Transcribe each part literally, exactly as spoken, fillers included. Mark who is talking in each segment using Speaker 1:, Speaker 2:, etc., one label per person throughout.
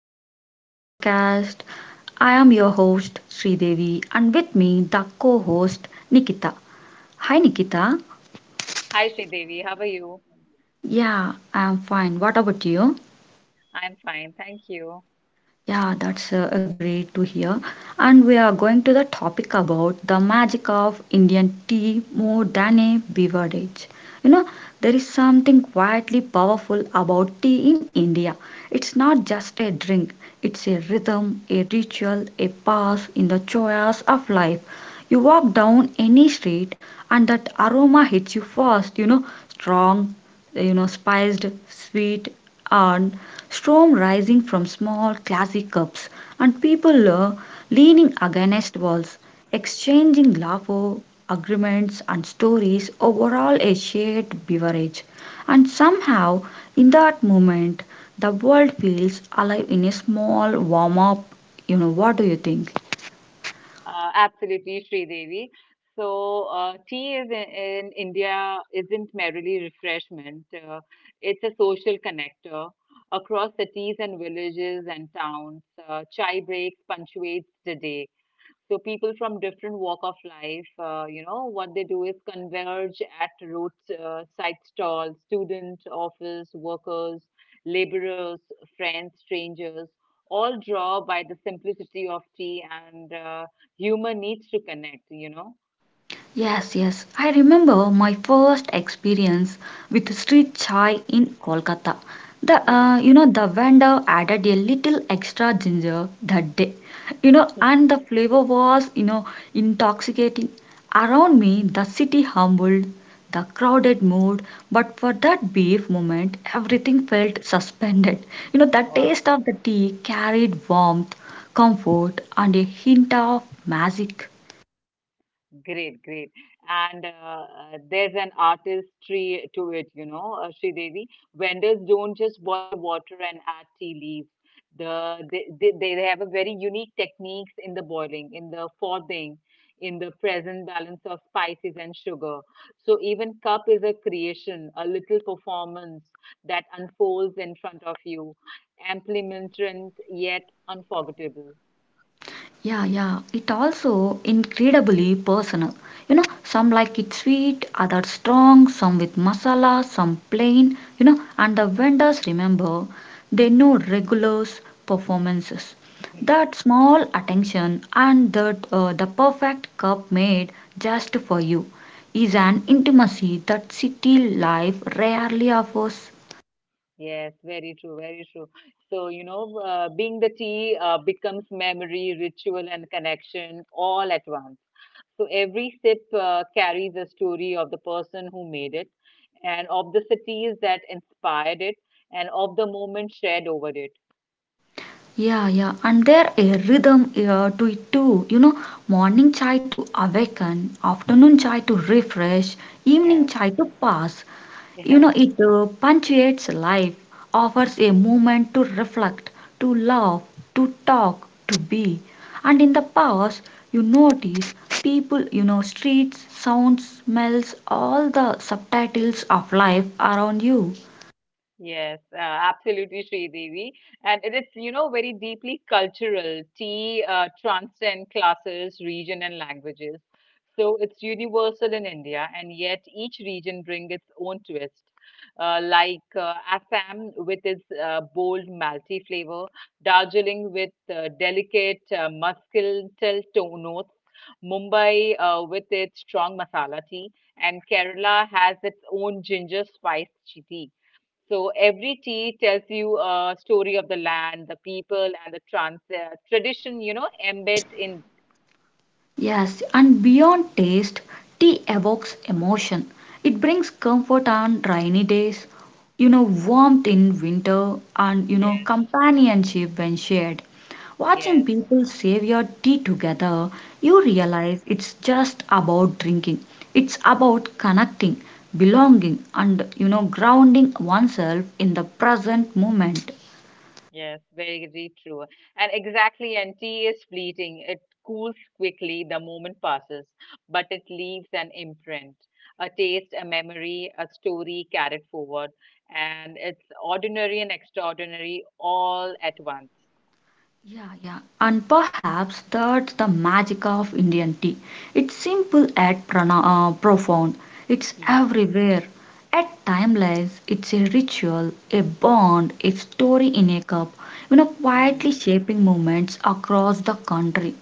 Speaker 1: welcome back to the podcast. I am your host Sridevi and with me the co-host Nikita. Hi Nikita.
Speaker 2: Hi, Sridevi. How are you?
Speaker 1: Yeah, I am fine. What about you?
Speaker 2: I'm fine. Thank you.
Speaker 1: Yeah, that's uh, a great to hear. And we are going to the topic about the magic of Indian tea, more than a beverage. You know, there is something quietly powerful about tea in India. It's not just a drink, it's a rhythm, a ritual, a path in the joys of life. You walk down any street and that aroma hits you first, you know, strong, you know, spiced, sweet, and storm rising from small glassy cups, and people uh, leaning against walls, exchanging laughter, agreements, and stories over all a shared beverage. And somehow, in that moment, the world feels alive in a small warm up. You know, what do you think?
Speaker 2: Uh, absolutely, Sridevi. So, uh, tea is in, in India isn't merely refreshment. Uh, it's a social connector. Across cities and villages and towns, uh, chai breaks punctuates the day. So people from different walk of life, uh, you know, what they do is converge at road uh, side stalls, student, office, workers, laborers, friends, strangers, all draw by the simplicity of tea and uh, humor needs to connect, you know.
Speaker 1: Yes, yes. I remember my first experience with street chai in Kolkata. The
Speaker 2: Hmm.
Speaker 1: uh, you know the vendor added a little extra ginger that day. You know, and the flavor was, you know, intoxicating. Around me, the city humbled, the crowded mood, but for that brief moment, everything felt suspended. You know, the
Speaker 2: Hmm.
Speaker 1: taste of the tea carried warmth, comfort, and a hint of magic.
Speaker 2: Great, great. And uh, uh, there's an artistry to it, you know, uh, Sridevi. Vendors don't just boil water and add tea leaves. The they, they, they have a very unique techniques in the boiling, in the frothing, in the present balance of spices and sugar. So even cup is a creation, a little performance that unfolds in front of you, amplimentary yet unforgettable.
Speaker 1: Yeah, yeah. It also incredibly personal. You know, some like it sweet, others strong, some with masala, some plain, you know, and the vendors remember they know regulars performances. That small attention and that uh, the perfect cup made just for you is an intimacy that city life rarely offers.
Speaker 2: Yes, very true, very true. So, you know, uh, being the tea uh, becomes memory, ritual, and connection all at once. So every sip uh, carries a story of the person who made it, and of the cities that inspired it, and of the moment shared over it.
Speaker 1: Yeah, yeah, and there a rhythm uh, to it too. You know, morning chai to awaken, afternoon chai to refresh, evening
Speaker 2: Yes,
Speaker 1: chai to pass. You
Speaker 2: yes.
Speaker 1: know, it uh, punctuates life, offers a moment to reflect, to love, to talk, to be. And in the pause, you notice people, you know, streets, sounds, smells, all the subtitles of life around you.
Speaker 2: Yes, uh, absolutely, Devi. And it is, you know, very deeply cultural. Tea uh, transcend classes, region, and languages. So it's universal in India, and yet each region brings its own twist. Uh, like uh, Assam with its uh, bold malty flavor, Darjeeling with uh, delicate uh, muscatel tone notes, Mumbai uh, with its strong masala tea, and Kerala has its own ginger spiced tea. So every tea tells you a story of the land, the people, and the trans uh, tradition, you know, embed in.
Speaker 1: Yes, and beyond taste, tea evokes emotion. It brings comfort on rainy days, you know, warmth in winter, and you know,
Speaker 2: Yes.
Speaker 1: companionship when shared. Watching
Speaker 2: Yes.
Speaker 1: people save your tea together, you
Speaker 2: Hmm.
Speaker 1: realize it's just about drinking. It's about connecting, belonging, and you know, grounding oneself in the present moment.
Speaker 2: Yes. Very true. And exactly, and tea is fleeting. It cools quickly, the moment passes, but it leaves an imprint, a taste, a memory, a story carried forward. And it's ordinary and extraordinary all at once.
Speaker 1: Yeah, yeah. And perhaps that's the magic of Indian tea. It's simple yet prana- uh, profound. It's
Speaker 2: Hmm.
Speaker 1: everywhere. At timeless, it's a ritual, a bond, a story in a cup, you know,
Speaker 2: Hmm.
Speaker 1: quietly shaping movements across the country.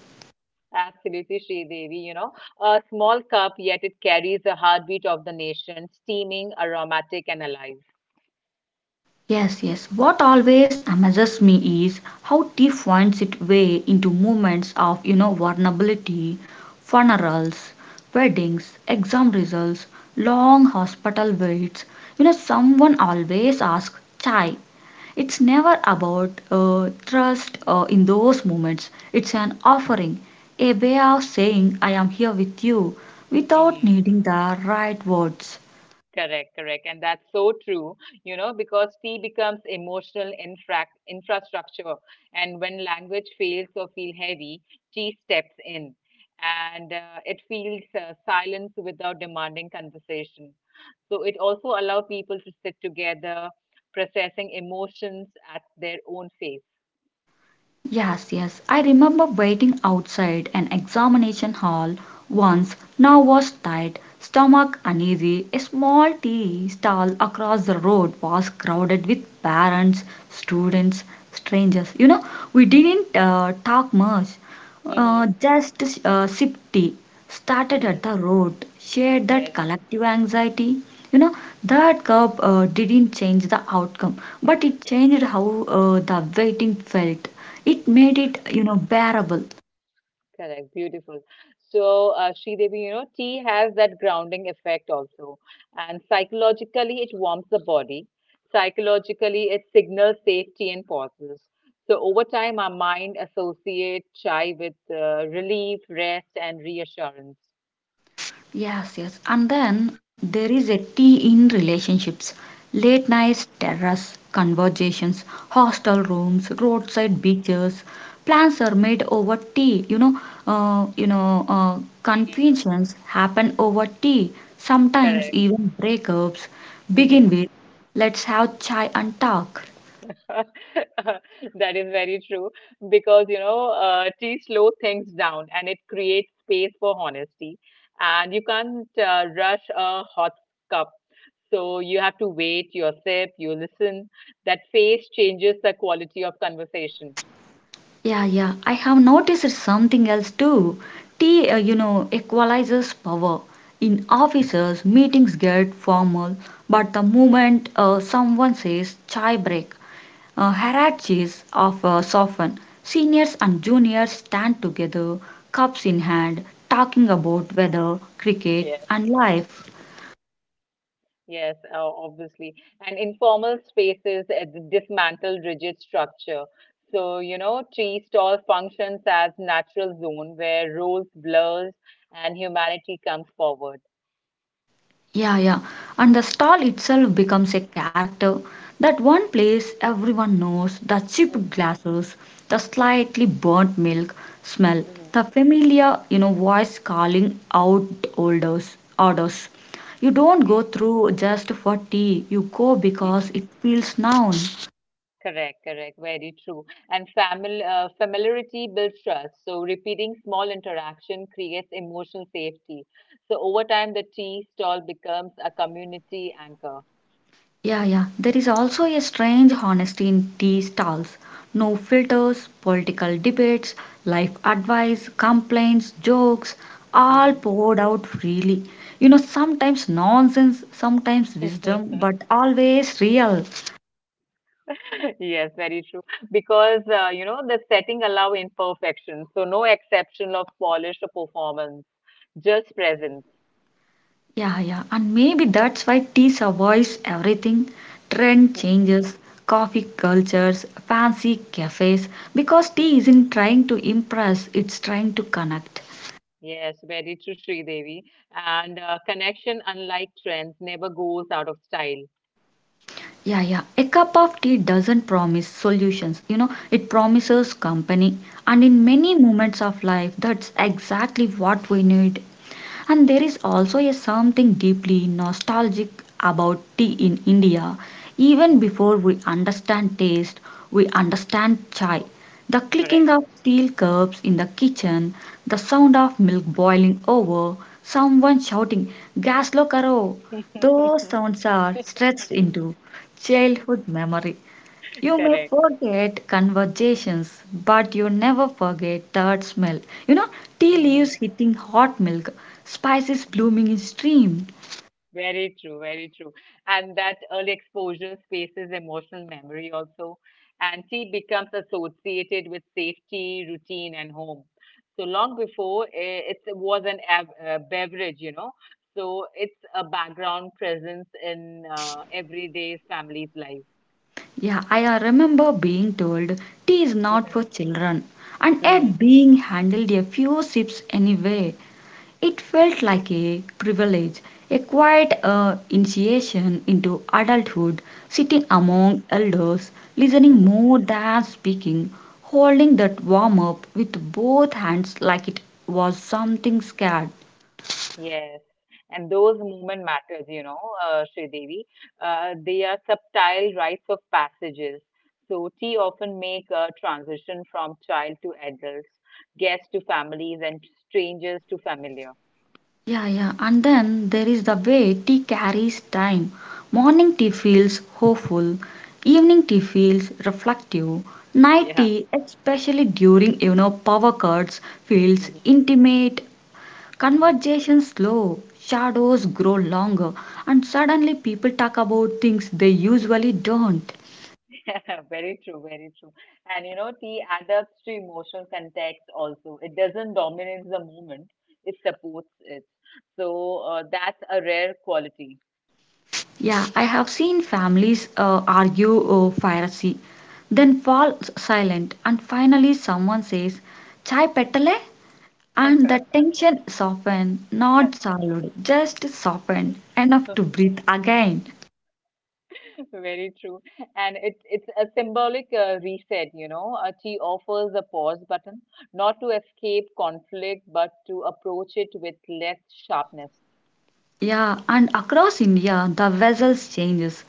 Speaker 2: Absolutely, Sridevi. You know, a small cup, yet it carries the heartbeat of the nation, steaming, aromatic, and alive.
Speaker 1: Yes, yes. What always amazes me is how tea finds its way into moments of, you know, vulnerability, funerals, weddings, exam results, long hospital waits. You know, someone always asks chai. It's never about uh, trust uh, in those moments. It's an offering, a way of saying I am here with you without
Speaker 2: Hmm.
Speaker 1: needing the right words.
Speaker 2: Correct, correct. And that's so true, you know, because tea becomes emotional infra- infrastructure. And when language fails or feel heavy, tea steps in and uh, it feels uh, silence without demanding conversation. So it also allows people to sit together, processing emotions at their own pace.
Speaker 1: Yes, yes, I remember waiting outside an examination hall once, nervous, tight, stomach uneasy. A small tea stall across the road was crowded with parents, students, strangers. You know, we didn't uh, talk much, uh,
Speaker 2: Hmm.
Speaker 1: just uh, sip tea started
Speaker 2: Hmm.
Speaker 1: at the root, shared that
Speaker 2: That's
Speaker 1: collective anxiety. You know, that cup uh, didn't change the outcome, but it changed how uh, the waiting felt. It made it, you know, bearable.
Speaker 2: correct. Beautiful. So, uh, Sridevi, you know, tea has that grounding effect also. And psychologically, it warms the body. Psychologically, it signals safety and pauses. So, over time, our mind associates chai with uh, relief, rest, and reassurance.
Speaker 1: Yes, yes. And then there is a tea in relationships. Late nights, terrace conversations, hostel rooms, roadside beaches. Plans are made over tea. You know, uh, you know, uh,
Speaker 2: Mhm.
Speaker 1: confusions happen over tea. Sometimes
Speaker 2: Correct.
Speaker 1: even breakups begin
Speaker 2: Mhm.
Speaker 1: with, let's have chai and talk.
Speaker 2: That is very true because you know, uh, tea slow things down and it creates space for honesty. And you can't uh, rush a hot cup, so you have to wait, your sip, you listen. That phase changes the quality of conversation.
Speaker 1: Yeah, yeah. I have noticed something else too. Tea, uh, you know, equalizes power. In offices, meetings get formal, but the moment uh, someone says chai break, uh, hierarchies of uh, soften. Seniors and juniors stand together, cups in hand, talking about
Speaker 2: Mhm.
Speaker 1: weather, cricket,
Speaker 2: Yes.
Speaker 1: and life.
Speaker 2: Yes, uh, obviously. And informal spaces uh, d- dismantle rigid structure. So, you know, tree stall functions as natural zone where roles blurs and humanity comes forward.
Speaker 1: Yeah, yeah. And the stall itself becomes a character. That one place everyone knows, the chipped
Speaker 2: Mm-hmm.
Speaker 1: glasses, the slightly burnt milk smell,
Speaker 2: Mm-hmm.
Speaker 1: the familiar, you know, voice calling out orders, orders. You don't go through just for tea, you go because
Speaker 2: Mm-hmm.
Speaker 1: it feels known.
Speaker 2: Correct, correct. Very true. And famil uh, familiarity builds trust. So repeating small interaction creates emotional safety. So over time, the tree stall becomes a community anchor.
Speaker 1: Yeah, yeah. There is also a strange honesty in tea stalls. No filters, political debates, life advice, complaints, jokes, all
Speaker 2: Mm-hmm.
Speaker 1: poured out freely. You know, sometimes nonsense, sometimes wisdom, but always real.
Speaker 2: Yes, very true. Because uh, you know the setting allow imperfection, so no exception of polish or performance, just presence.
Speaker 1: Yeah, yeah. And maybe that's why tea survives everything. Trend changes, coffee cultures, fancy cafes, because tea
Speaker 2: Mhm.
Speaker 1: isn't trying to impress, it's trying to connect.
Speaker 2: Yes, very true, Sri Devi. And uh, connection, unlike trends, never goes out of style.
Speaker 1: Yeah, yeah. A cup of tea doesn't promise solutions, you know, it promises company. And in
Speaker 2: Hmm.
Speaker 1: many moments of life, that's exactly what we need. And there is also a something deeply nostalgic about tea in India. Even
Speaker 2: Hmm.
Speaker 1: before we understand taste, we understand chai. The clicking
Speaker 2: Correct.
Speaker 1: of steel cups in the kitchen, the sound of milk boiling over, someone shouting, Gas lo karo! Those sounds are stretched into childhood memory. You may
Speaker 2: Correct.
Speaker 1: forget conversations, but you never forget that smell. You know, tea leaves
Speaker 2: Hmm.
Speaker 1: hitting hot milk, spices blooming in stream.
Speaker 2: Very true, very true. And that early exposure spaces emotional memory also. And tea becomes associated with safety, routine, and home. So long before eh, it was an ab- uh, beverage, you know. So it's a background presence in uh, everyday family's life.
Speaker 1: Yeah, I uh, remember being told tea is not
Speaker 2: Hmm.
Speaker 1: for children, and
Speaker 2: Mm-hmm.
Speaker 1: yet being handled a few sips anyway. It felt like a privilege, a quiet uh, initiation into adulthood, sitting among elders, listening more than speaking, holding that warm up with both hands like it was something scared.
Speaker 2: Yes, and those moment matters, you know, uh, Sridevi. Uh, they are subtle rites of passages. So tea often make a transition from child to adults, guests to families, and strangers to familiar.
Speaker 1: Yeah, yeah, and then there is the way tea carries time. Morning tea feels hopeful, evening tea feels reflective, night
Speaker 2: Yeah.
Speaker 1: tea, especially during you know power cuts, feels
Speaker 2: Mm-hmm.
Speaker 1: intimate.
Speaker 2: Mm-hmm.
Speaker 1: Conversations slow, shadows grow longer, and suddenly people talk about things they usually don't.
Speaker 2: Very true, very true. And you know, tea adapts to emotional context also. It doesn't dominate the moment, it supports it. So uh, that's a rare quality.
Speaker 1: Yeah, I have seen families uh, argue over piracy, then fall s- silent, and finally someone says, Chai petale? And the tension softened, not solved, just softened, enough to breathe again.
Speaker 2: Very true. And it's it's a symbolic uh, reset, you know. Uh, tea offers a pause button, not to escape conflict, but to approach it with less sharpness.
Speaker 1: Yeah, and across India, the vessels changes,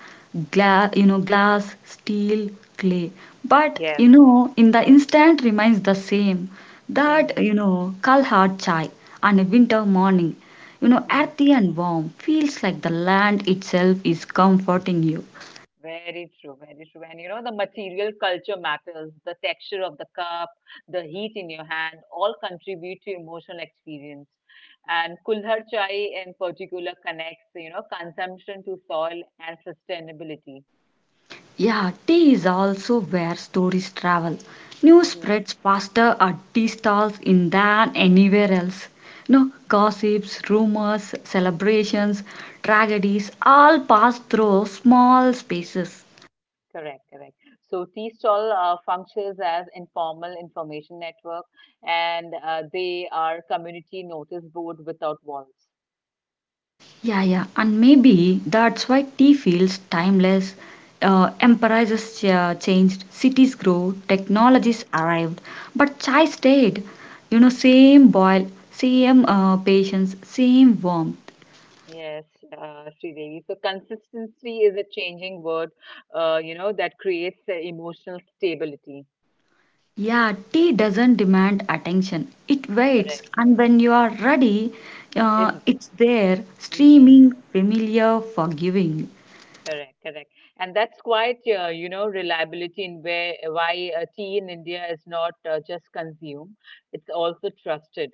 Speaker 1: Gla- you know, glass, steel, clay. But
Speaker 2: Yes.
Speaker 1: you know, in the instant remains the same.
Speaker 2: Mm-hmm.
Speaker 1: That you know, kal hard chai on a winter morning, you know,
Speaker 2: Mm-hmm.
Speaker 1: earthy and warm, feels like the land itself is comforting you.
Speaker 2: Very true, very true. And you know, the material culture matters, the texture of the cup, the heat in your hand, all contribute to emotional experience. And Kulhar chai in particular connects, you know, consumption to soil and sustainability.
Speaker 1: Yeah, tea is also where stories travel. News
Speaker 2: Mm-hmm.
Speaker 1: spreads faster at tea stalls in than anywhere else. No gossips, rumors, celebrations, tragedies all pass through small spaces.
Speaker 2: Correct, correct. So tea stall uh, functions as informal information network, and uh, they are community notice board without walls.
Speaker 1: Yeah, yeah, and maybe that's why tea feels timeless. Uh, empires uh, changed, cities grow,
Speaker 2: Mhm.
Speaker 1: technologies arrived, but chai stayed. You know, same boil, same uh, patience, same warmth.
Speaker 2: Yes, uh, Sridevi. So consistency is a changing word, uh, you know, that creates uh, emotional stability.
Speaker 1: Yeah, tea doesn't demand attention. It waits,
Speaker 2: Correct,
Speaker 1: and when you are ready, uh,
Speaker 2: isn't it?
Speaker 1: it's there,
Speaker 2: Mm-hmm.
Speaker 1: streaming, familiar, forgiving.
Speaker 2: Correct, correct. And that's quite, uh, you know, reliability in where why uh, tea in India is not uh, just consumed; it's also trusted.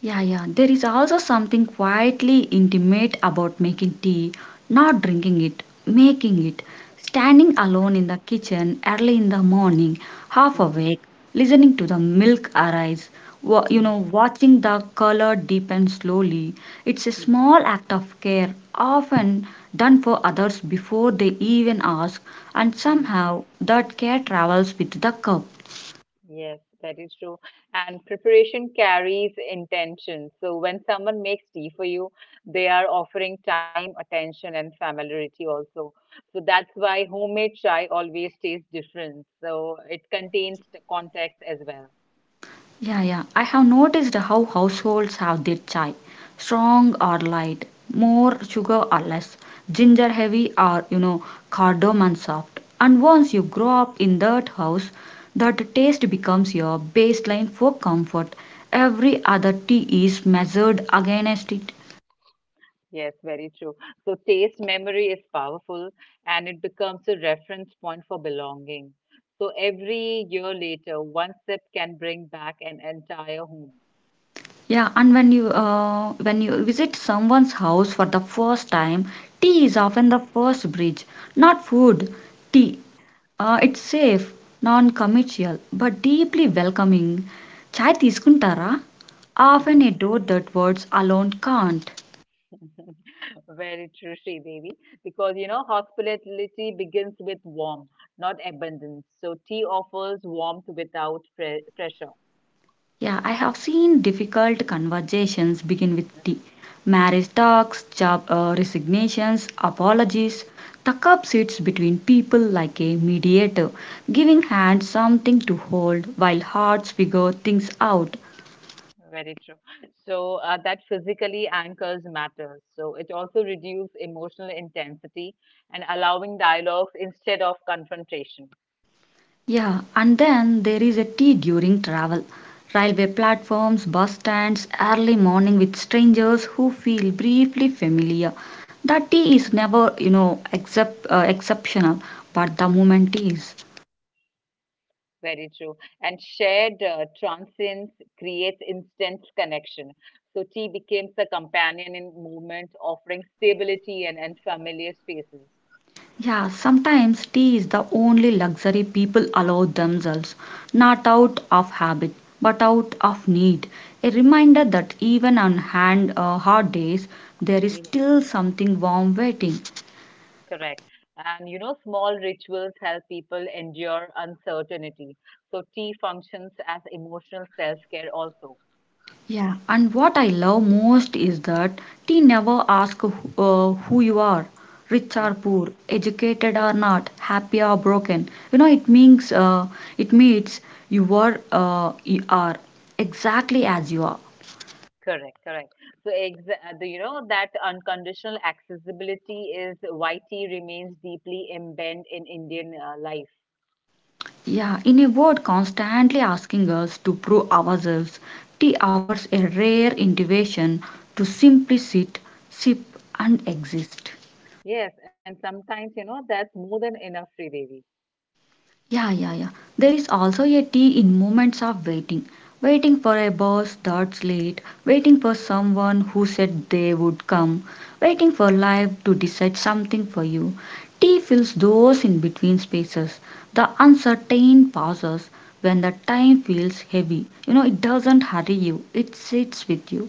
Speaker 1: Yeah, yeah. There is also something quietly intimate about making tea, not drinking it, making it. Standing alone in the kitchen early in the morning, half
Speaker 2: Mm-hmm.
Speaker 1: awake, listening to the milk arise, wa- you know,
Speaker 2: Mm-hmm.
Speaker 1: watching the color deepen slowly. It's a small act of care, often done for others before they even ask, and
Speaker 2: Mhm.
Speaker 1: somehow that care travels with the cup.
Speaker 2: Yes, that is true. And preparation carries intention. So when someone makes tea for you, they are offering time, attention, and familiarity also. So that's why homemade chai always tastes different. So it contains the context as well.
Speaker 1: Yeah, yeah. I have noticed how households have their chai strong or light, more sugar or less, ginger heavy or, you know, cardamom soft. And once you
Speaker 2: Mhm.
Speaker 1: grow up in that house, that taste becomes your baseline for comfort. Every other tea is measured against it.
Speaker 2: Yes, very true. So taste memory is powerful and it becomes a reference point for belonging. So every year later, one sip can bring back an entire home.
Speaker 1: Yeah, and when you uh, when you visit someone's house for the first time, tea is often the first bridge, not food, tea. Uh, it's safe, non commercial, but deeply welcoming. Chai తీసుకుంటారా? Often a door that words alone can't.
Speaker 2: Very true, Devi. Because you know, hospitality begins with warmth, not abundance. So tea offers warmth without pre- pressure.
Speaker 1: Yeah, I have seen difficult conversations begin with tea. Marriage talks, job uh, resignations, apologies. The cup sits between people like a mediator, giving hands something to hold while hearts figure things out.
Speaker 2: Very true. So uh, that physically anchors matters. So it also reduces emotional intensity and allowing dialogues instead of confrontation.
Speaker 1: Yeah, and then there is a tea during travel. Railway platforms, bus stands, early morning with strangers who feel briefly familiar. That tea is never, you know, except, uh, exceptional, but the moment is.
Speaker 2: Very true. And shared uh, transcends creates instant connection. So tea becomes a companion in movement, offering stability and, and familiar spaces.
Speaker 1: Yeah, sometimes tea is the only luxury people allow themselves, not out of habit, but out of need. A reminder that even on hand, uh, hard days, there is still something warm waiting.
Speaker 2: Correct. And you know, small rituals help people endure uncertainty. So tea functions as emotional self-care also.
Speaker 1: Yeah, and what I love most is that tea never asks uh, who you are, rich or
Speaker 2: Mhm.
Speaker 1: poor, educated or not, happy or broken. You know, it means uh, it means you are uh, you are exactly as you are.
Speaker 2: Correct, correct. So exa- uh, the- you know that unconditional accessibility is why tea remains deeply embedded in Indian uh, life.
Speaker 1: Yeah, in a word, constantly asking us to prove ourselves. Tea offers a rare invitation to simply sit, sip, and exist.
Speaker 2: Yes, and sometimes you know that's more than enough, Sridevi.
Speaker 1: Yeah, yeah, yeah. There is also a T in moments of waiting. Waiting for a bus that's late, waiting for someone who said they would come, waiting for life to decide something for you. T fills those in between spaces, the uncertain pauses when the time feels heavy. You know, it doesn't hurry you, it sits with you.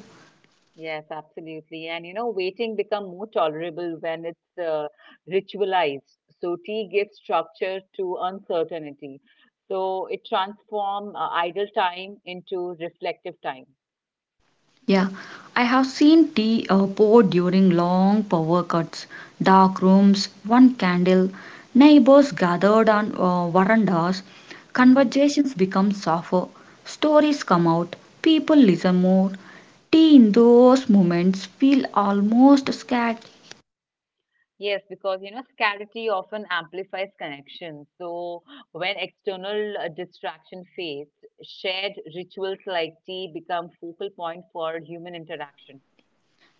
Speaker 2: Yes, absolutely. And you know, waiting become more tolerable when it's uh, ritualized. So tea gives structure to uncertainty. So it transform uh, idle time into reflective time.
Speaker 1: Yeah, I have seen tea uh, poured during long power cuts, dark rooms, one candle, neighbors gathered on uh, verandas,
Speaker 2: Hmm.
Speaker 1: conversations become softer, stories come out, people listen more. Tea in those moments feel almost scared.
Speaker 2: Yes, because you know, scarcity often amplifies connection. So when external uh, distraction fades, shared rituals like tea become focal point for human interaction.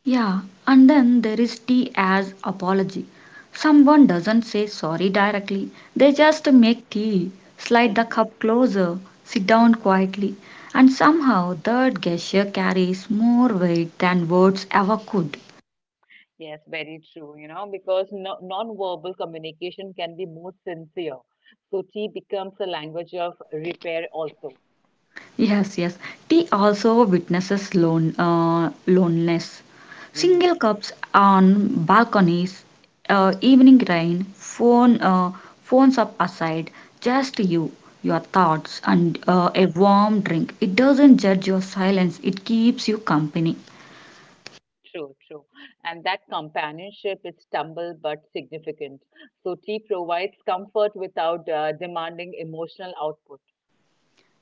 Speaker 1: Yeah, and then there is T as apology. Someone doesn't say sorry directly, they just make tea, slide the cup closer, sit down quietly, and somehow that gesture carries more weight than words ever could.
Speaker 2: Yes, very true, you know, because no, non-verbal communication can be more sincere. So tea becomes a language of repair also.
Speaker 1: Yes, yes. Tea also witnesses lone, uh, loneliness.
Speaker 2: Hmm.
Speaker 1: Single cups on balconies, uh, evening rain, phone, uh, phones up aside, just you, your thoughts, and uh, a warm drink. It doesn't judge your silence, it keeps you company.
Speaker 2: True, true. And that companionship is stumble but significant. So tea provides comfort without uh, demanding emotional output.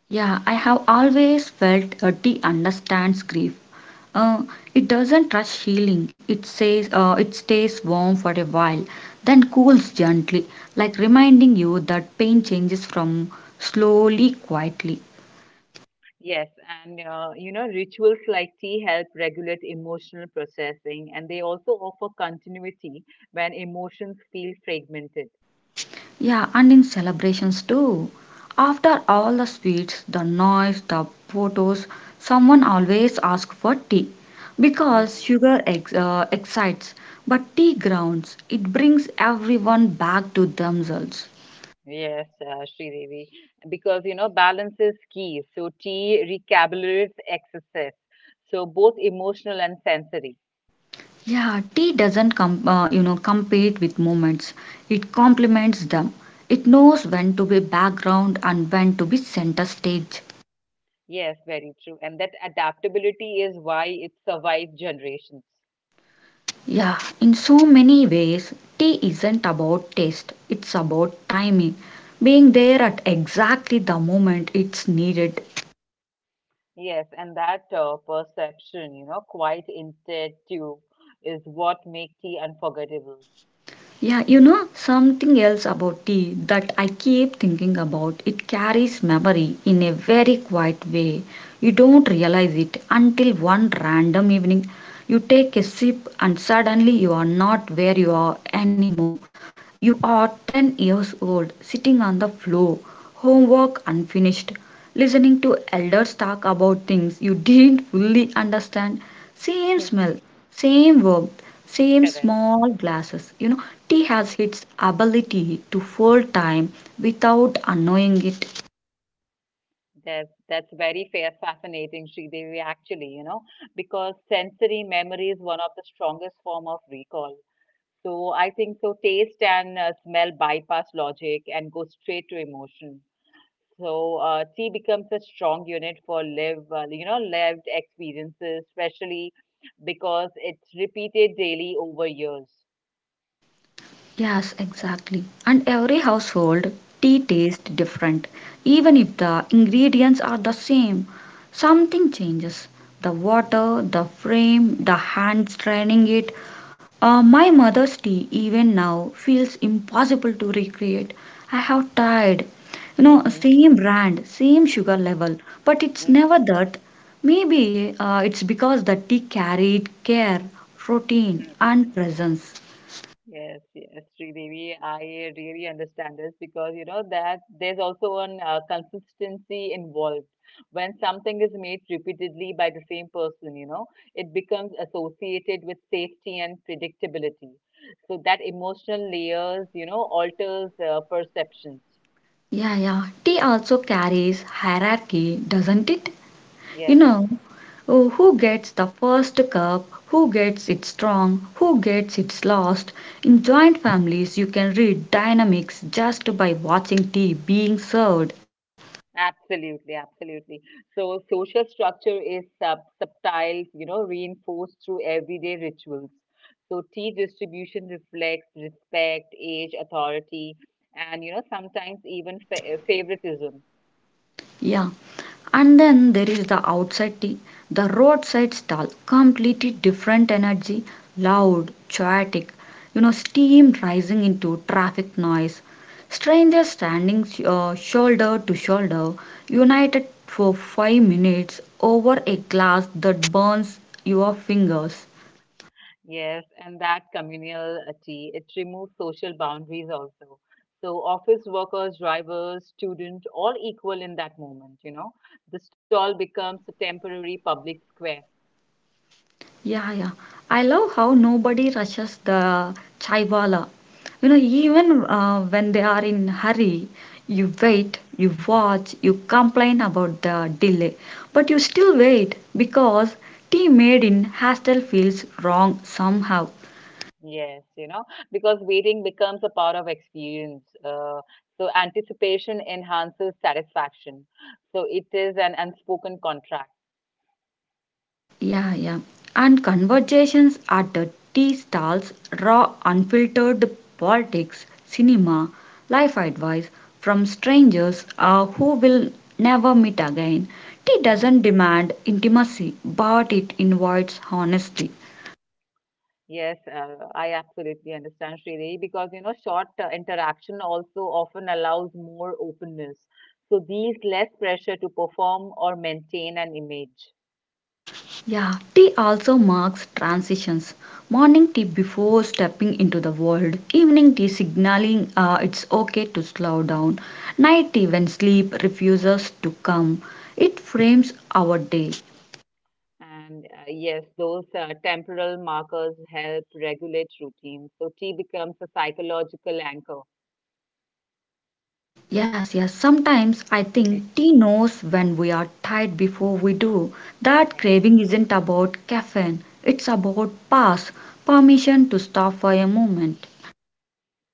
Speaker 1: Yeah, I have always felt uh, tea understands grief. Uh, it doesn't rush healing. It says uh, it stays warm for a while, then cools gently, like reminding you that pain changes from slowly, quietly.
Speaker 2: Yes, and uh, you know, rituals like tea help regulate emotional processing, and they also offer continuity when emotions feel fragmented.
Speaker 1: Yeah, and in celebrations too. After all the sweets, the noise, the photos, someone always asks for tea because sugar ex- uh, excites, but tea grounds. It brings everyone back to themselves.
Speaker 2: Yes, uh, Sridevi, because you know balance is key. So tea recalibrates excesses, so both emotional and sensory.
Speaker 1: Yeah, tea doesn't com- uh, you know compete with moments. It complements them. It knows when to be background and when to be center stage.
Speaker 2: Yes, very true. And that adaptability is why it survived generations.
Speaker 1: Yeah, in so many ways, tea isn't about taste. It's about timing, being there at exactly the moment it's needed.
Speaker 2: Yes, and that uh, perception, you know, quite intuitive, is what makes tea unforgettable.
Speaker 1: Yeah, you know something else about tea that I keep thinking about. It carries memory in a very quiet way. You don't realize it until one random evening you take a sip and suddenly you are not where you are anymore. You are ten years old, sitting on the floor, homework unfinished, listening to elders talk about things you didn't fully understand. Same smell, same verb, same
Speaker 2: Correct.
Speaker 1: small glasses. You know, tea
Speaker 2: Mhm.
Speaker 1: has its ability to fold time without annoying it.
Speaker 2: That's that's very fair, fascinating, Sridevi, actually, you know, because sensory memory is one of the strongest form of recall. So I think so taste and uh, smell bypass logic and go straight to emotion. So uh, tea becomes a strong unit for live, uh, you know, lived experiences, especially because it's repeated daily over years.
Speaker 1: Yes, exactly. And every household tea tastes different. Even if the ingredients are the same, something changes. The water, the frame, the hands straining it. Uh, my mother's tea, even now, feels impossible to recreate. I have tried. You know, same brand, same sugar level, but it's never that. Maybe uh, it's because the tea carried care, routine, and presence.
Speaker 2: Yes, yes, Sridevi, I really understand this because you know that there's also an uh, consistency involved. When something is made repeatedly by the same person, you know, it becomes associated with safety and predictability. So that emotional layers, you know, alters uh, perceptions.
Speaker 1: Yeah, yeah. Tea also carries hierarchy, doesn't it? You
Speaker 2: Yes.
Speaker 1: know, oh, who gets the first cup, who gets it strong, who gets it lost. In joint families, you can read dynamics just by watching tea being served.
Speaker 2: Absolutely, absolutely. So social structure is sub subtle, you know, reinforced through everyday rituals. So tea distribution reflects respect, age, authority, and you know, sometimes even fa uh, favoritism.
Speaker 1: Yeah. And then there is the outside tea, the roadside stall, completely different energy, loud, chaotic, you know, steam rising into traffic noise, strangers standing uh, shoulder to shoulder, united for five minutes over a glass that burns your fingers.
Speaker 2: Yes, and that communal uh, tea, it removes social boundaries also. So office workers, drivers, students, all equal in that moment, you know. The stall becomes a temporary public square.
Speaker 1: Yeah, yeah. I love how nobody rushes the chaiwala. You know, even uh, when they are in hurry, you wait, you watch, you complain about the delay, but you still wait because tea made in hostel feels wrong somehow.
Speaker 2: Yes, you know, because waiting becomes a part of experience. Uh, so anticipation enhances satisfaction. So it is an unspoken contract.
Speaker 1: Yeah, yeah. And conversations at the tea stalls, raw, unfiltered politics, cinema, life advice from strangers uh, who will never meet again. Tea
Speaker 2: Hmm.
Speaker 1: doesn't demand intimacy, but it invites honesty.
Speaker 2: Yes, uh, I absolutely understand, Sridhar, because you know, short uh, interaction also often allows more openness. So these less pressure to perform or maintain an image.
Speaker 1: Yeah, tea also marks transitions. Morning tea before stepping into the world, evening tea signaling uh, it's okay to slow down, night tea when sleep refuses to come. It frames our day.
Speaker 2: And uh, yes, those uh, temporal markers help regulate routines. So tea becomes a psychological anchor.
Speaker 1: Yes, yes, sometimes I think tea knows when we are tired before we do. That
Speaker 2: Yes.
Speaker 1: craving isn't about caffeine, it's about pause, permission to stop for a moment.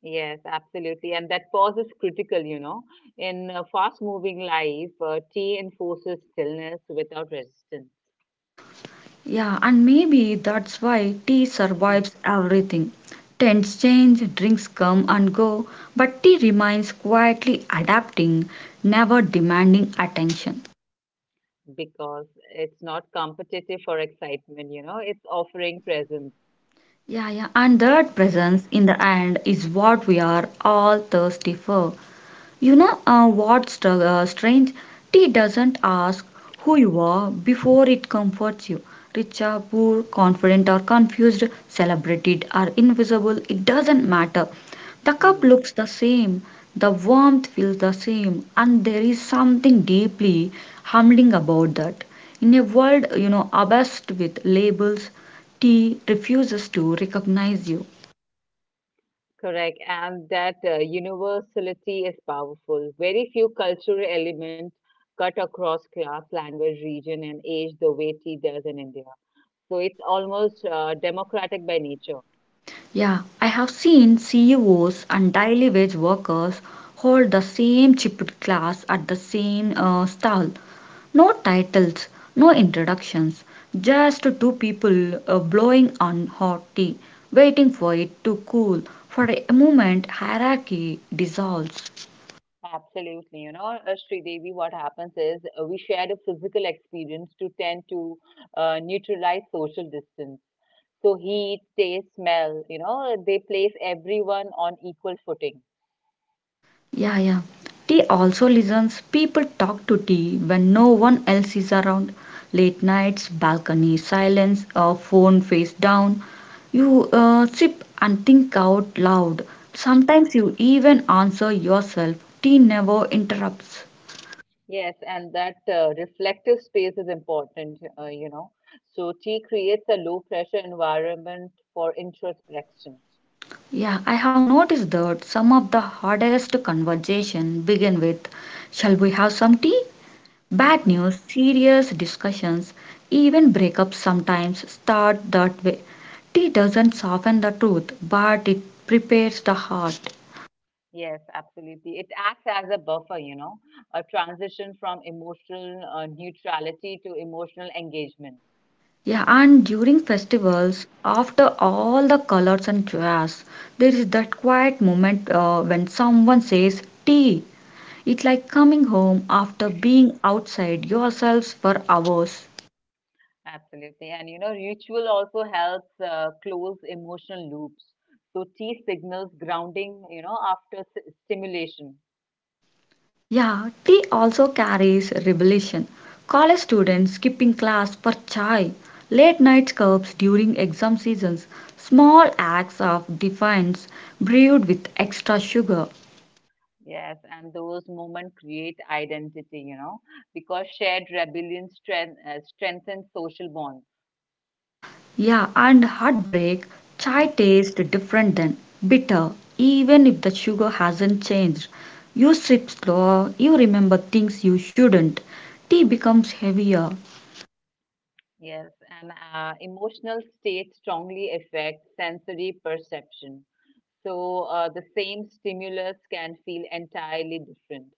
Speaker 2: Yes, absolutely. And that pause is critical, you know. In a fast moving life, uh, tea enforces stillness without resistance
Speaker 1: Yeah, and maybe that's why tea survives everything. Trends change, drinks come and go, but tea remains quietly adapting, never demanding attention.
Speaker 2: because it's not competitive for excitement, you know, it's offering presence.
Speaker 1: Yeah, yeah, and that presence in the end is what we are all thirsty for. You know
Speaker 2: Yes.
Speaker 1: uh, what's str- uh, strange? Tea doesn't ask who you are before it comforts you. Rich or poor, confident or confused, celebrated or invisible, it doesn't matter. The cup
Speaker 2: Hmm.
Speaker 1: looks the same, the warmth feels the same, and there is something deeply humbling about that. In a world, you know, obsessed with labels, tea refuses to recognize you.
Speaker 2: Correct. And that uh, universality is powerful. Very few cultural elements cut across class, language, region, and age the way tea does in India. So it's almost uh, democratic by nature.
Speaker 1: Yeah, I have seen C E Os and daily wage workers hold the same chipped class at the same uh, stall. No titles, no introductions, just two people uh, blowing on hot tea, waiting for it to cool. For a moment, hierarchy dissolves.
Speaker 2: Absolutely, you know, uh, Sridevi, what happens is uh, we shared a physical experience to tend to uh, neutralize social distance. So heat, taste, smell, you know, they place everyone on equal footing.
Speaker 1: Yeah, yeah. Tea also listens. People talk to tea when no one else is around. Late nights, balcony silence, or phone face down. You uh, sip and think out loud. Sometimes you even answer yourself. Tea never interrupts.
Speaker 2: Yes, and that uh, reflective space is important, uh, you know. So tea creates a low pressure environment for introspection.
Speaker 1: Yeah, I have noticed that some of the hardest conversation begin with, "Shall we have some tea?" Bad news, serious discussions, even breakups sometimes start that way. Tea doesn't soften the truth, but it prepares the heart.
Speaker 2: Yes, absolutely. It acts as a buffer, you know, a transition from emotional uh, neutrality to emotional engagement.
Speaker 1: Yeah, and during festivals, after all the colors and jazz, there is that quiet moment uh, when someone says tea. It's like coming home after being outside yourselves for hours.
Speaker 2: Absolutely. And, you know, ritual also helps uh, close emotional loops. So, tea signals grounding, you know, after s- stimulation.
Speaker 1: Yeah, tea also carries rebellion. College students skipping class for chai, late night curbs during exam seasons, small acts of defiance brewed with extra sugar.
Speaker 2: Yes, and those moments create identity, you know, because shared rebellion strength, uh, strengthens social bonds.
Speaker 1: Yeah, and heartbreak, chai tastes different than bitter, even if the sugar hasn't changed. You sip slower, you remember things you shouldn't. Tea becomes heavier.
Speaker 2: Yes, and uh, emotional states strongly affect sensory perception. So uh, the same stimulus can feel entirely different.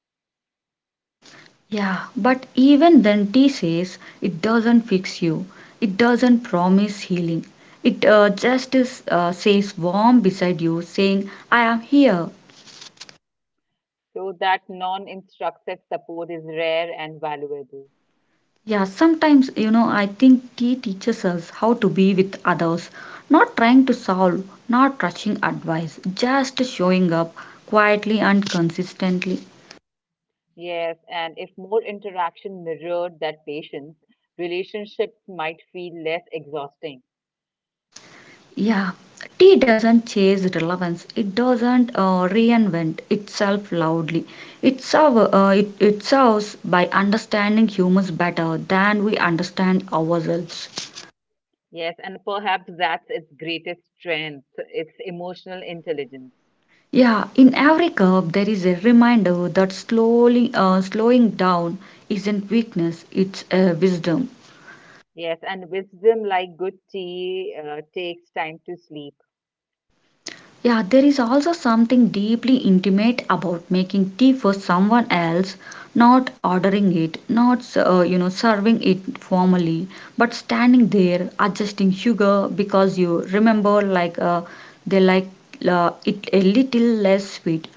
Speaker 1: Yeah, but even then, T says it doesn't fix you, it doesn't promise healing. It uh, just is, uh, says warm beside you, saying, I am here.
Speaker 2: So that non-instructive support is rare and valuable.
Speaker 1: Yeah, sometimes, you know, I think tea teaches us how to be with others, not trying to solve, not rushing advice, just showing up quietly and consistently.
Speaker 2: Yes, and if more interaction mirrored that patience, relationships might feel less exhausting.
Speaker 1: Yeah, tea doesn't chase relevance. It doesn't uh, reinvent itself loudly. It, serve, uh, it, it serves by understanding humans better than we understand ourselves.
Speaker 2: Yes, and perhaps that's its greatest strength, its emotional intelligence.
Speaker 1: Yeah, in every cup there is a reminder that slowly uh, slowing down isn't weakness, it's a wisdom.
Speaker 2: Yes, and wisdom like good tea uh, takes time to sleep.
Speaker 1: Yeah, there is also something deeply intimate about making tea for someone else, not ordering it, not uh, you know serving it formally, but standing there adjusting sugar because you remember like uh, they like uh, it a little less sweet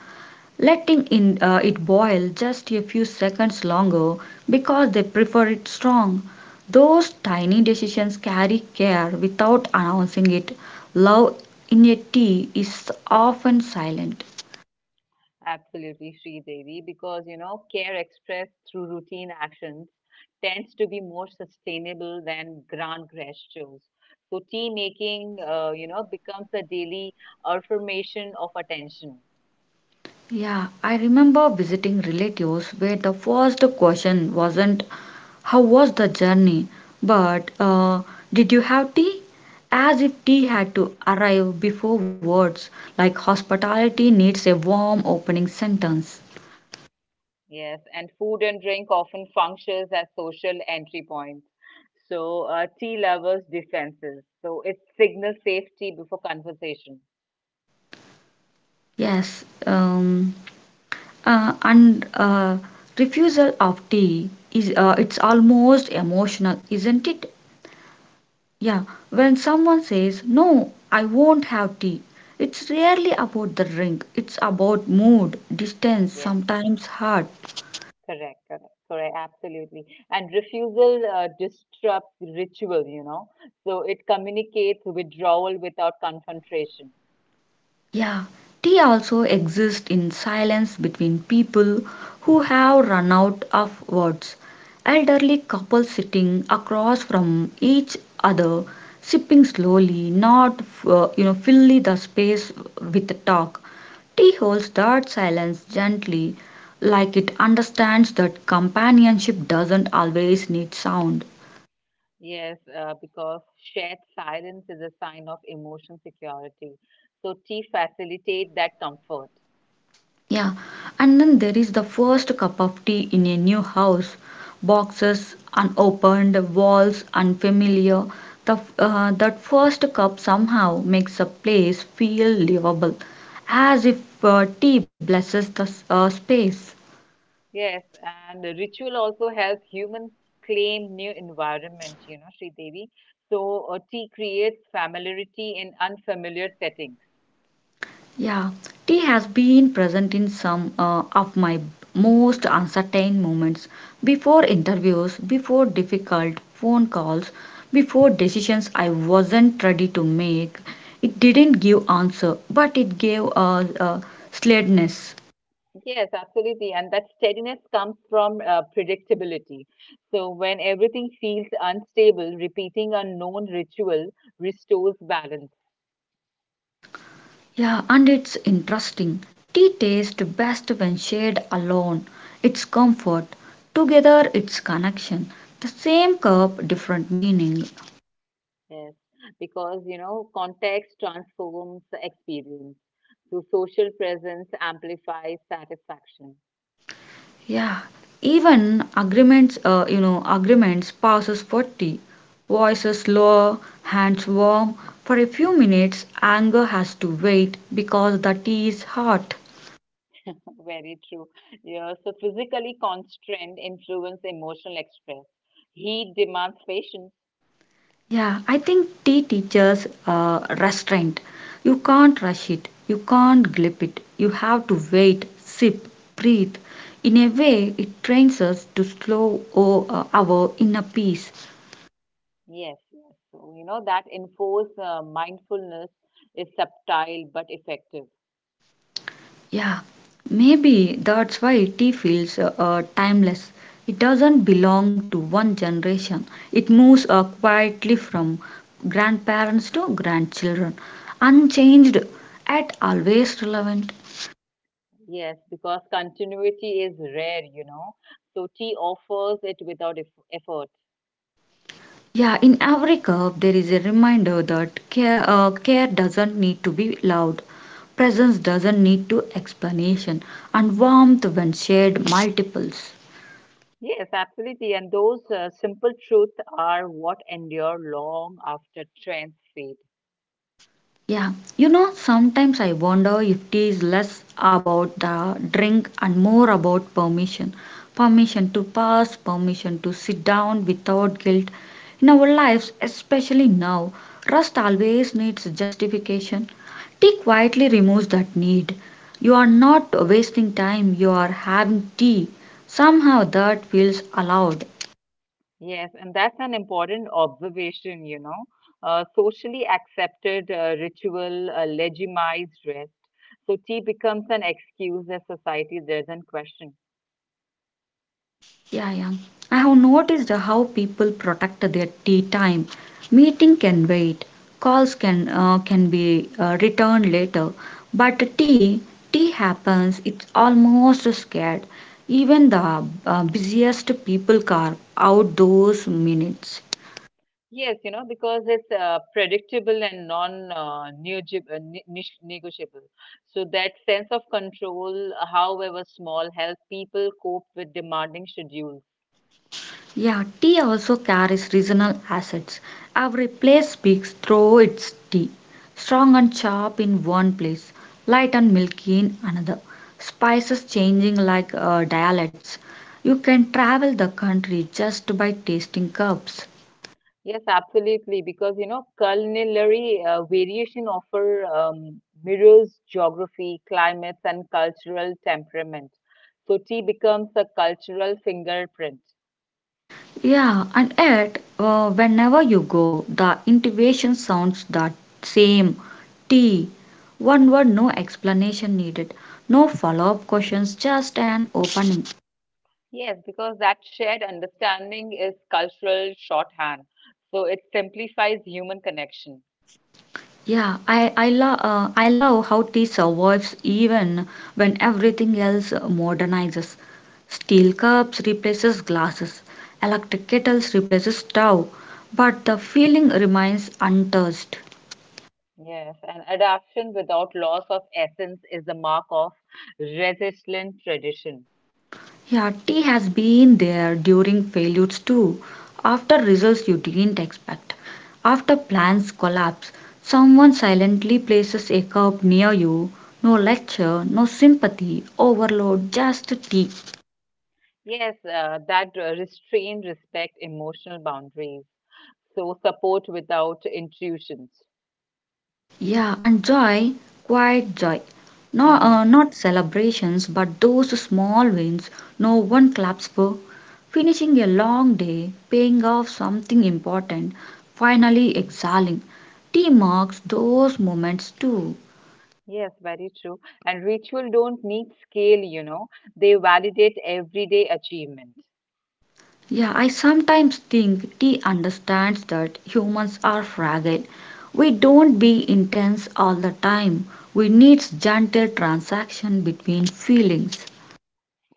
Speaker 1: letting in, uh, it boil just a few seconds longer because they prefer it strong. Those tiny decisions carry care without announcing it. Love in a tea is often silent.
Speaker 2: Absolutely, Sri Devi, because you know, care expressed through routine actions tends to be more sustainable than grand gestures. So, tea making, uh, you know, becomes a daily affirmation of attention.
Speaker 1: Yeah, I remember visiting relatives where the first question wasn't how was the journey, but uh, did you have tea? As if tea had
Speaker 2: Hmm.
Speaker 1: to arrive before words, like hospitality needs a warm opening sentence.
Speaker 2: Yes, and food and drink often functions as social entry points. So, uh, tea lovers' defenses. So, it signals safety before conversation.
Speaker 1: Yes, um, uh, and uh, refusal of tea is uh, it's almost emotional, isn't it? Yeah, when someone says, "No, I won't have tea," it's rarely about the drink. It's about mood, distance, sometimes heart.
Speaker 2: Correct, correct, correct, absolutely. And refusal uh, disrupts ritual, you know. So it communicates withdrawal without confrontation.
Speaker 1: Yeah, tea also exists in silence between people who have run out of words. Elderly couples sitting across from each other, sipping slowly, not uh, you know filling the space with talk. Tea holds that silence gently, like it understands that companionship doesn't always need sound.
Speaker 2: Yes, uh, because shared silence is a sign of emotion security. So tea facilitate that comfort.
Speaker 1: Yeah, and then there is the first cup of tea in a new house. Boxes unopened, walls unfamiliar. The, uh, that first cup somehow makes a place feel livable, as if uh, tea blesses the s- uh, space.
Speaker 2: Yes, and the ritual also helps human claim new environment, you know, Sri Devi. So uh, tea creates familiarity in unfamiliar settings.
Speaker 1: Yeah, tea has been present in some uh, of my most uncertain moments before interviews, before difficult phone calls, before decisions I wasn't ready to make. It didn't give answer, but it gave a, a sladness.
Speaker 2: Yes, absolutely. And that steadiness comes from uh, predictability. So, when everything feels unstable, repeating a known ritual restores balance.
Speaker 1: Yeah, and it's interesting. Tea tastes best when shared alone. It's comfort. Together, it's connection. The same cup, different meaning.
Speaker 2: Yes, because you know, context transforms the experience. So, social presence amplifies satisfaction.
Speaker 1: Yeah, even agreements, uh, you know, agreements passes for tea. Voices lower, hands warm. For a few minutes, anger has to wait because the tea is hot.
Speaker 2: Very true. Yeah, so physically constrained influence emotional express. Heat demands patience.
Speaker 1: Yeah, I think tea teaches uh, restraint. You can't rush it, you can't glip it. You have to wait, sip, breathe. In a way, it trains us to slow o- uh, our inner peace.
Speaker 2: Yes, yes. So, you know, that enforce uh, mindfulness is subtle but effective.
Speaker 1: Yeah, maybe that's why tea feels uh, uh, timeless. It doesn't belong to one generation. It moves uh, quietly from grandparents to grandchildren, unchanged yet always relevant.
Speaker 2: Yes, because continuity is rare, you know. So tea offers it without eff effort.
Speaker 1: Yeah, in every cup there is a reminder that care, uh, care doesn't need to be loud, presence doesn't need to explanation, and warmth when shared multiples.
Speaker 2: Yes, absolutely. And those uh, simple truths are what endure long after trends fade.
Speaker 1: Yeah, you know, sometimes I wonder if it is less about the drink and more about permission. Permission to pass, permission to sit down without guilt. In our lives, especially now, rust always needs justification. Tea quietly removes that need. You are not wasting time, you are having tea. Somehow that feels allowed.
Speaker 2: Yes, and that's an important observation, you know. Uh, socially accepted uh, ritual uh, legitimized rest. So tea becomes an excuse that society doesn't question.
Speaker 1: Yeah, yeah. I have noticed how people protect their tea time. Meeting can wait, calls can uh, can be uh, returned later, but tea tea happens. It's almost scared. Even the uh, busiest people carve out those minutes.
Speaker 2: Yes, you know, because it's uh, predictable and non uh, negotiab- uh, ne- nish- negotiable. So that sense of control, however small, helps people cope with demanding schedules.
Speaker 1: Yeah, tea also carries regional assets. Every place speaks through its tea. Strong and sharp in one place, light and milky in another. Spices changing like uh, dialects. You can travel the country just by tasting cups.
Speaker 2: Yes, absolutely, because you know, culinary uh, variation offer um, mirrors geography, climates, and cultural temperament. So tea becomes a cultural fingerprint.
Speaker 1: Yeah, and yet, uh, whenever you go, the intuition sounds that same tea. One word, no explanation needed, no follow up questions, just an opening.
Speaker 2: Yes, because that shared understanding is cultural shorthand. So it simplifies human connection.
Speaker 1: Yeah, I I love uh, I love how tea survives even when everything else modernizes. Steel cups replaces glasses, electric kettles replaces stove, but the feeling remains untouched.
Speaker 2: Yes, and adaptation without loss of essence is the mark of resilient tradition.
Speaker 1: Yeah, tea has been there during failures too, after results you didn't expect, after plans collapse. Someone silently places a cup near you. No lecture, no sympathy, overload, just tea.
Speaker 2: Yes, uh, that uh, restrain, respect, emotional boundaries. So support without intrusions.
Speaker 1: Yeah, and joy, quiet joy. No,
Speaker 2: Hmm.
Speaker 1: uh, not celebrations, but those small wins no one claps for. Finishing a long day, paying off something important, finally exhaling. Tea marks those moments too.
Speaker 2: Yes, very true. And ritual don't need scale, you know, they validate everyday achievement.
Speaker 1: Yeah, I sometimes think tea understands that humans are fragile. We don't be intense all the time. We need gentle transaction between feelings.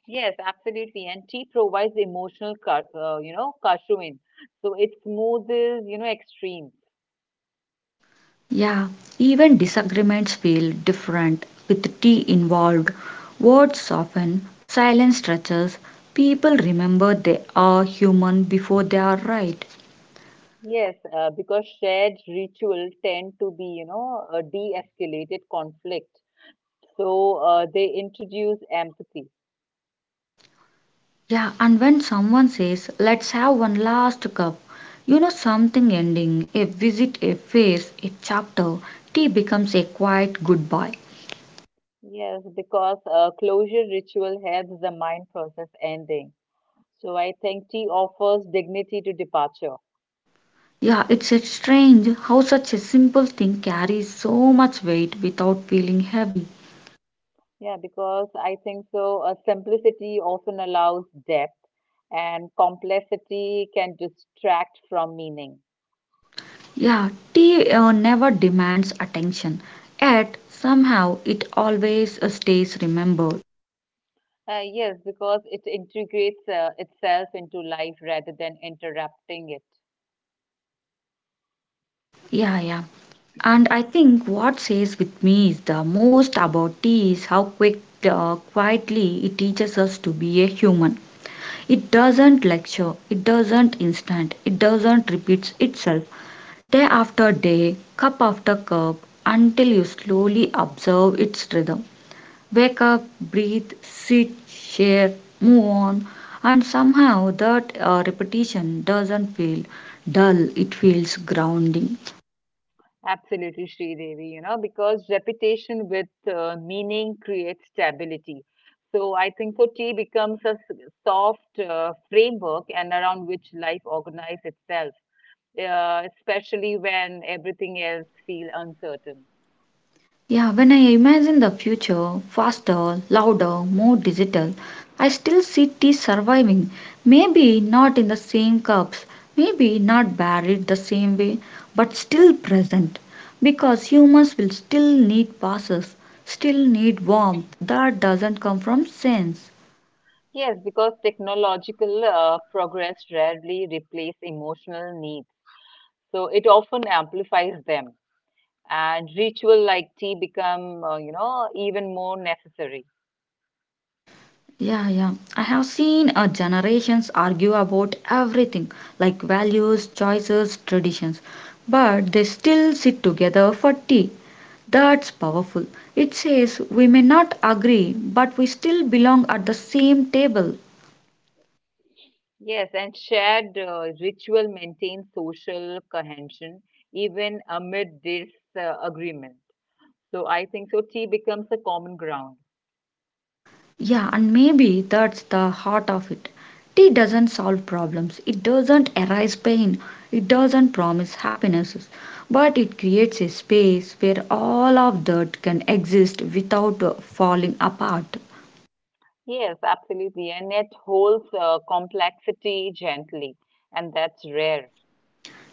Speaker 2: Yes, absolutely. And tea provides emotional, car- uh, you know, caffeine. So it smoothes, you know, extremes.
Speaker 1: Yeah, even disagreements feel different with tea involved. Words soften, silence stretches. People remember they are human before they are right.
Speaker 2: Yes, uh, because shared ritual tend to be, you know, a de-escalated conflict. So uh, they introduce empathy.
Speaker 1: Yeah, and when someone says, let's have one last cup, you know something ending, a visit, a face, a chapter, tea becomes a quiet goodbye.
Speaker 2: Yes, because uh, closure ritual helps the mind process ending. So I think tea offers dignity to departure.
Speaker 1: Yeah, it's a strange how such a simple thing carries so much weight without feeling heavy.
Speaker 2: Yeah, because I think so. Uh, simplicity often allows depth, and complexity can distract from meaning.
Speaker 1: Yeah, tea uh, never demands attention, yet somehow it always uh, stays remembered.
Speaker 2: Uh, yes, because it integrates uh, itself into life rather than interrupting it.
Speaker 1: Yeah, yeah. And I think what stays with me is the most about tea is how quick, uh, quietly it teaches us to be a human. It doesn't lecture, it doesn't instant, it doesn't repeats itself day after day, cup after cup, until you slowly observe its rhythm. Wake up, breathe, sit, share, move on. And somehow that uh, repetition doesn't feel dull, it feels grounding.
Speaker 2: Absolutely, Sri Devi, you know, because repetition with uh, meaning creates stability. So I think so tea becomes a s- soft uh, framework and around which life organizes itself, uh, especially when everything else feel uncertain.
Speaker 1: Yeah, when I imagine the future, faster, louder, more digital, I still see tea surviving. Maybe not in the same cups, maybe not buried the same way, but still present. Because humans will still need passes, still need warmth that doesn't come from sense.
Speaker 2: Yes, because technological uh, progress rarely replace emotional needs. So it often amplifies them, and ritual like tea become, uh, you know, even more necessary.
Speaker 1: Yeah, yeah. I have seen uh, generations argue about everything like values, choices, traditions, but they still sit together for tea. That's powerful. It says we may not agree, but we still belong at the same table.
Speaker 2: Yes, and shared uh, ritual maintains social cohesion even amid this uh, agreement. So I think so tea becomes a common ground.
Speaker 1: Yeah, and maybe that's the heart of it. Tea doesn't solve problems, it doesn't erase pain, it doesn't promise happinesses, but it creates a space where all of that can exist without uh, falling apart.
Speaker 2: Yes, absolutely, and it holds uh, complexity gently, and that's rare.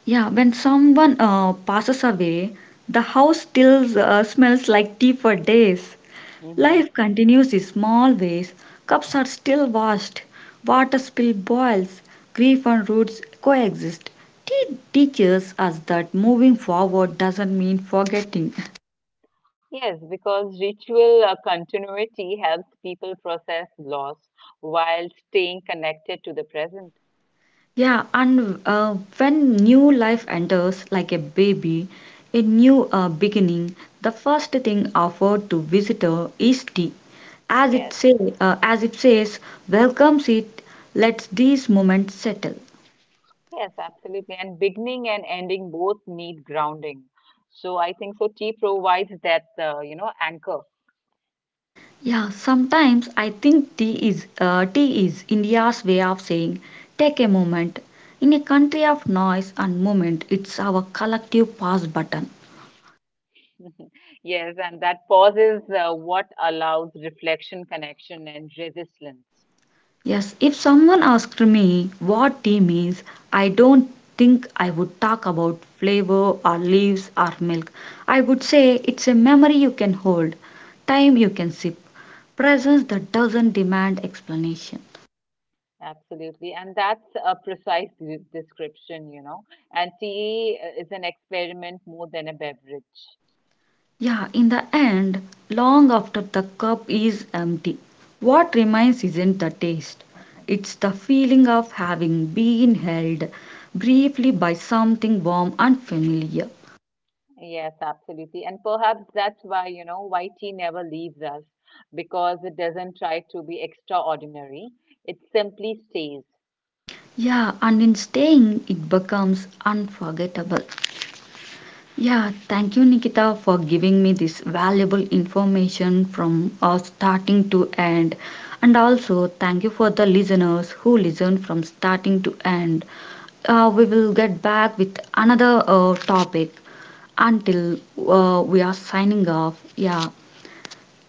Speaker 1: Yeah, when someone uh, passes away, the house still uh, smells like tea for days.
Speaker 2: Hmm.
Speaker 1: Life continues in small ways. Cups are still washed, water spill boils, grief and roots coexist. Tea teaches us that moving forward doesn't mean forgetting.
Speaker 2: Yes, because ritual uh, continuity helps people process loss while staying connected to the present.
Speaker 1: Yeah, and uh, when new life enters like a baby, a new uh, beginning, the first thing offered to visitor is tea. As it
Speaker 2: Yes,
Speaker 1: say, uh, as it says, welcomes it, lets these moments settle.
Speaker 2: yes, absolutely. And beginning and ending both need grounding. So I think so tea provides that uh, you know anchor.
Speaker 1: Yeah, sometimes I think tea is uh, tea is India's way of saying take a moment. In a country of noise and movement, it's our collective pause button.
Speaker 2: Yes, and that pause is uh, what allows reflection, connection, and resilience.
Speaker 1: Yes, if someone asked me what tea means, I don't think I would talk about flavor or leaves or milk. I would say it's a memory you can hold, time you can sip, presence that doesn't demand explanation.
Speaker 2: Absolutely, and that's a precise de- description, you know. And tea uh, is an experiment more than a beverage.
Speaker 1: Yeah, in the end, long after the cup is empty, what remains isn't the taste. It's the feeling of having been held briefly by something warm and familiar.
Speaker 2: Yes, absolutely. And perhaps that's why, you know, white tea never leaves us because it doesn't try to be extraordinary. It simply stays.
Speaker 1: Yeah, and in staying, it becomes unforgettable. Yeah, thank you, Nikita, for giving me this valuable information from uh, starting to end. And also, thank you for the listeners who listen from starting to end. Uh, we will get back with another uh, topic until uh, we are signing off. Yeah,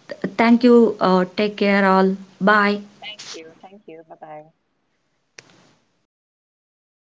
Speaker 1: Th- thank you. Uh, take care, all. Bye.
Speaker 2: Thank you. Thank you. Bye bye.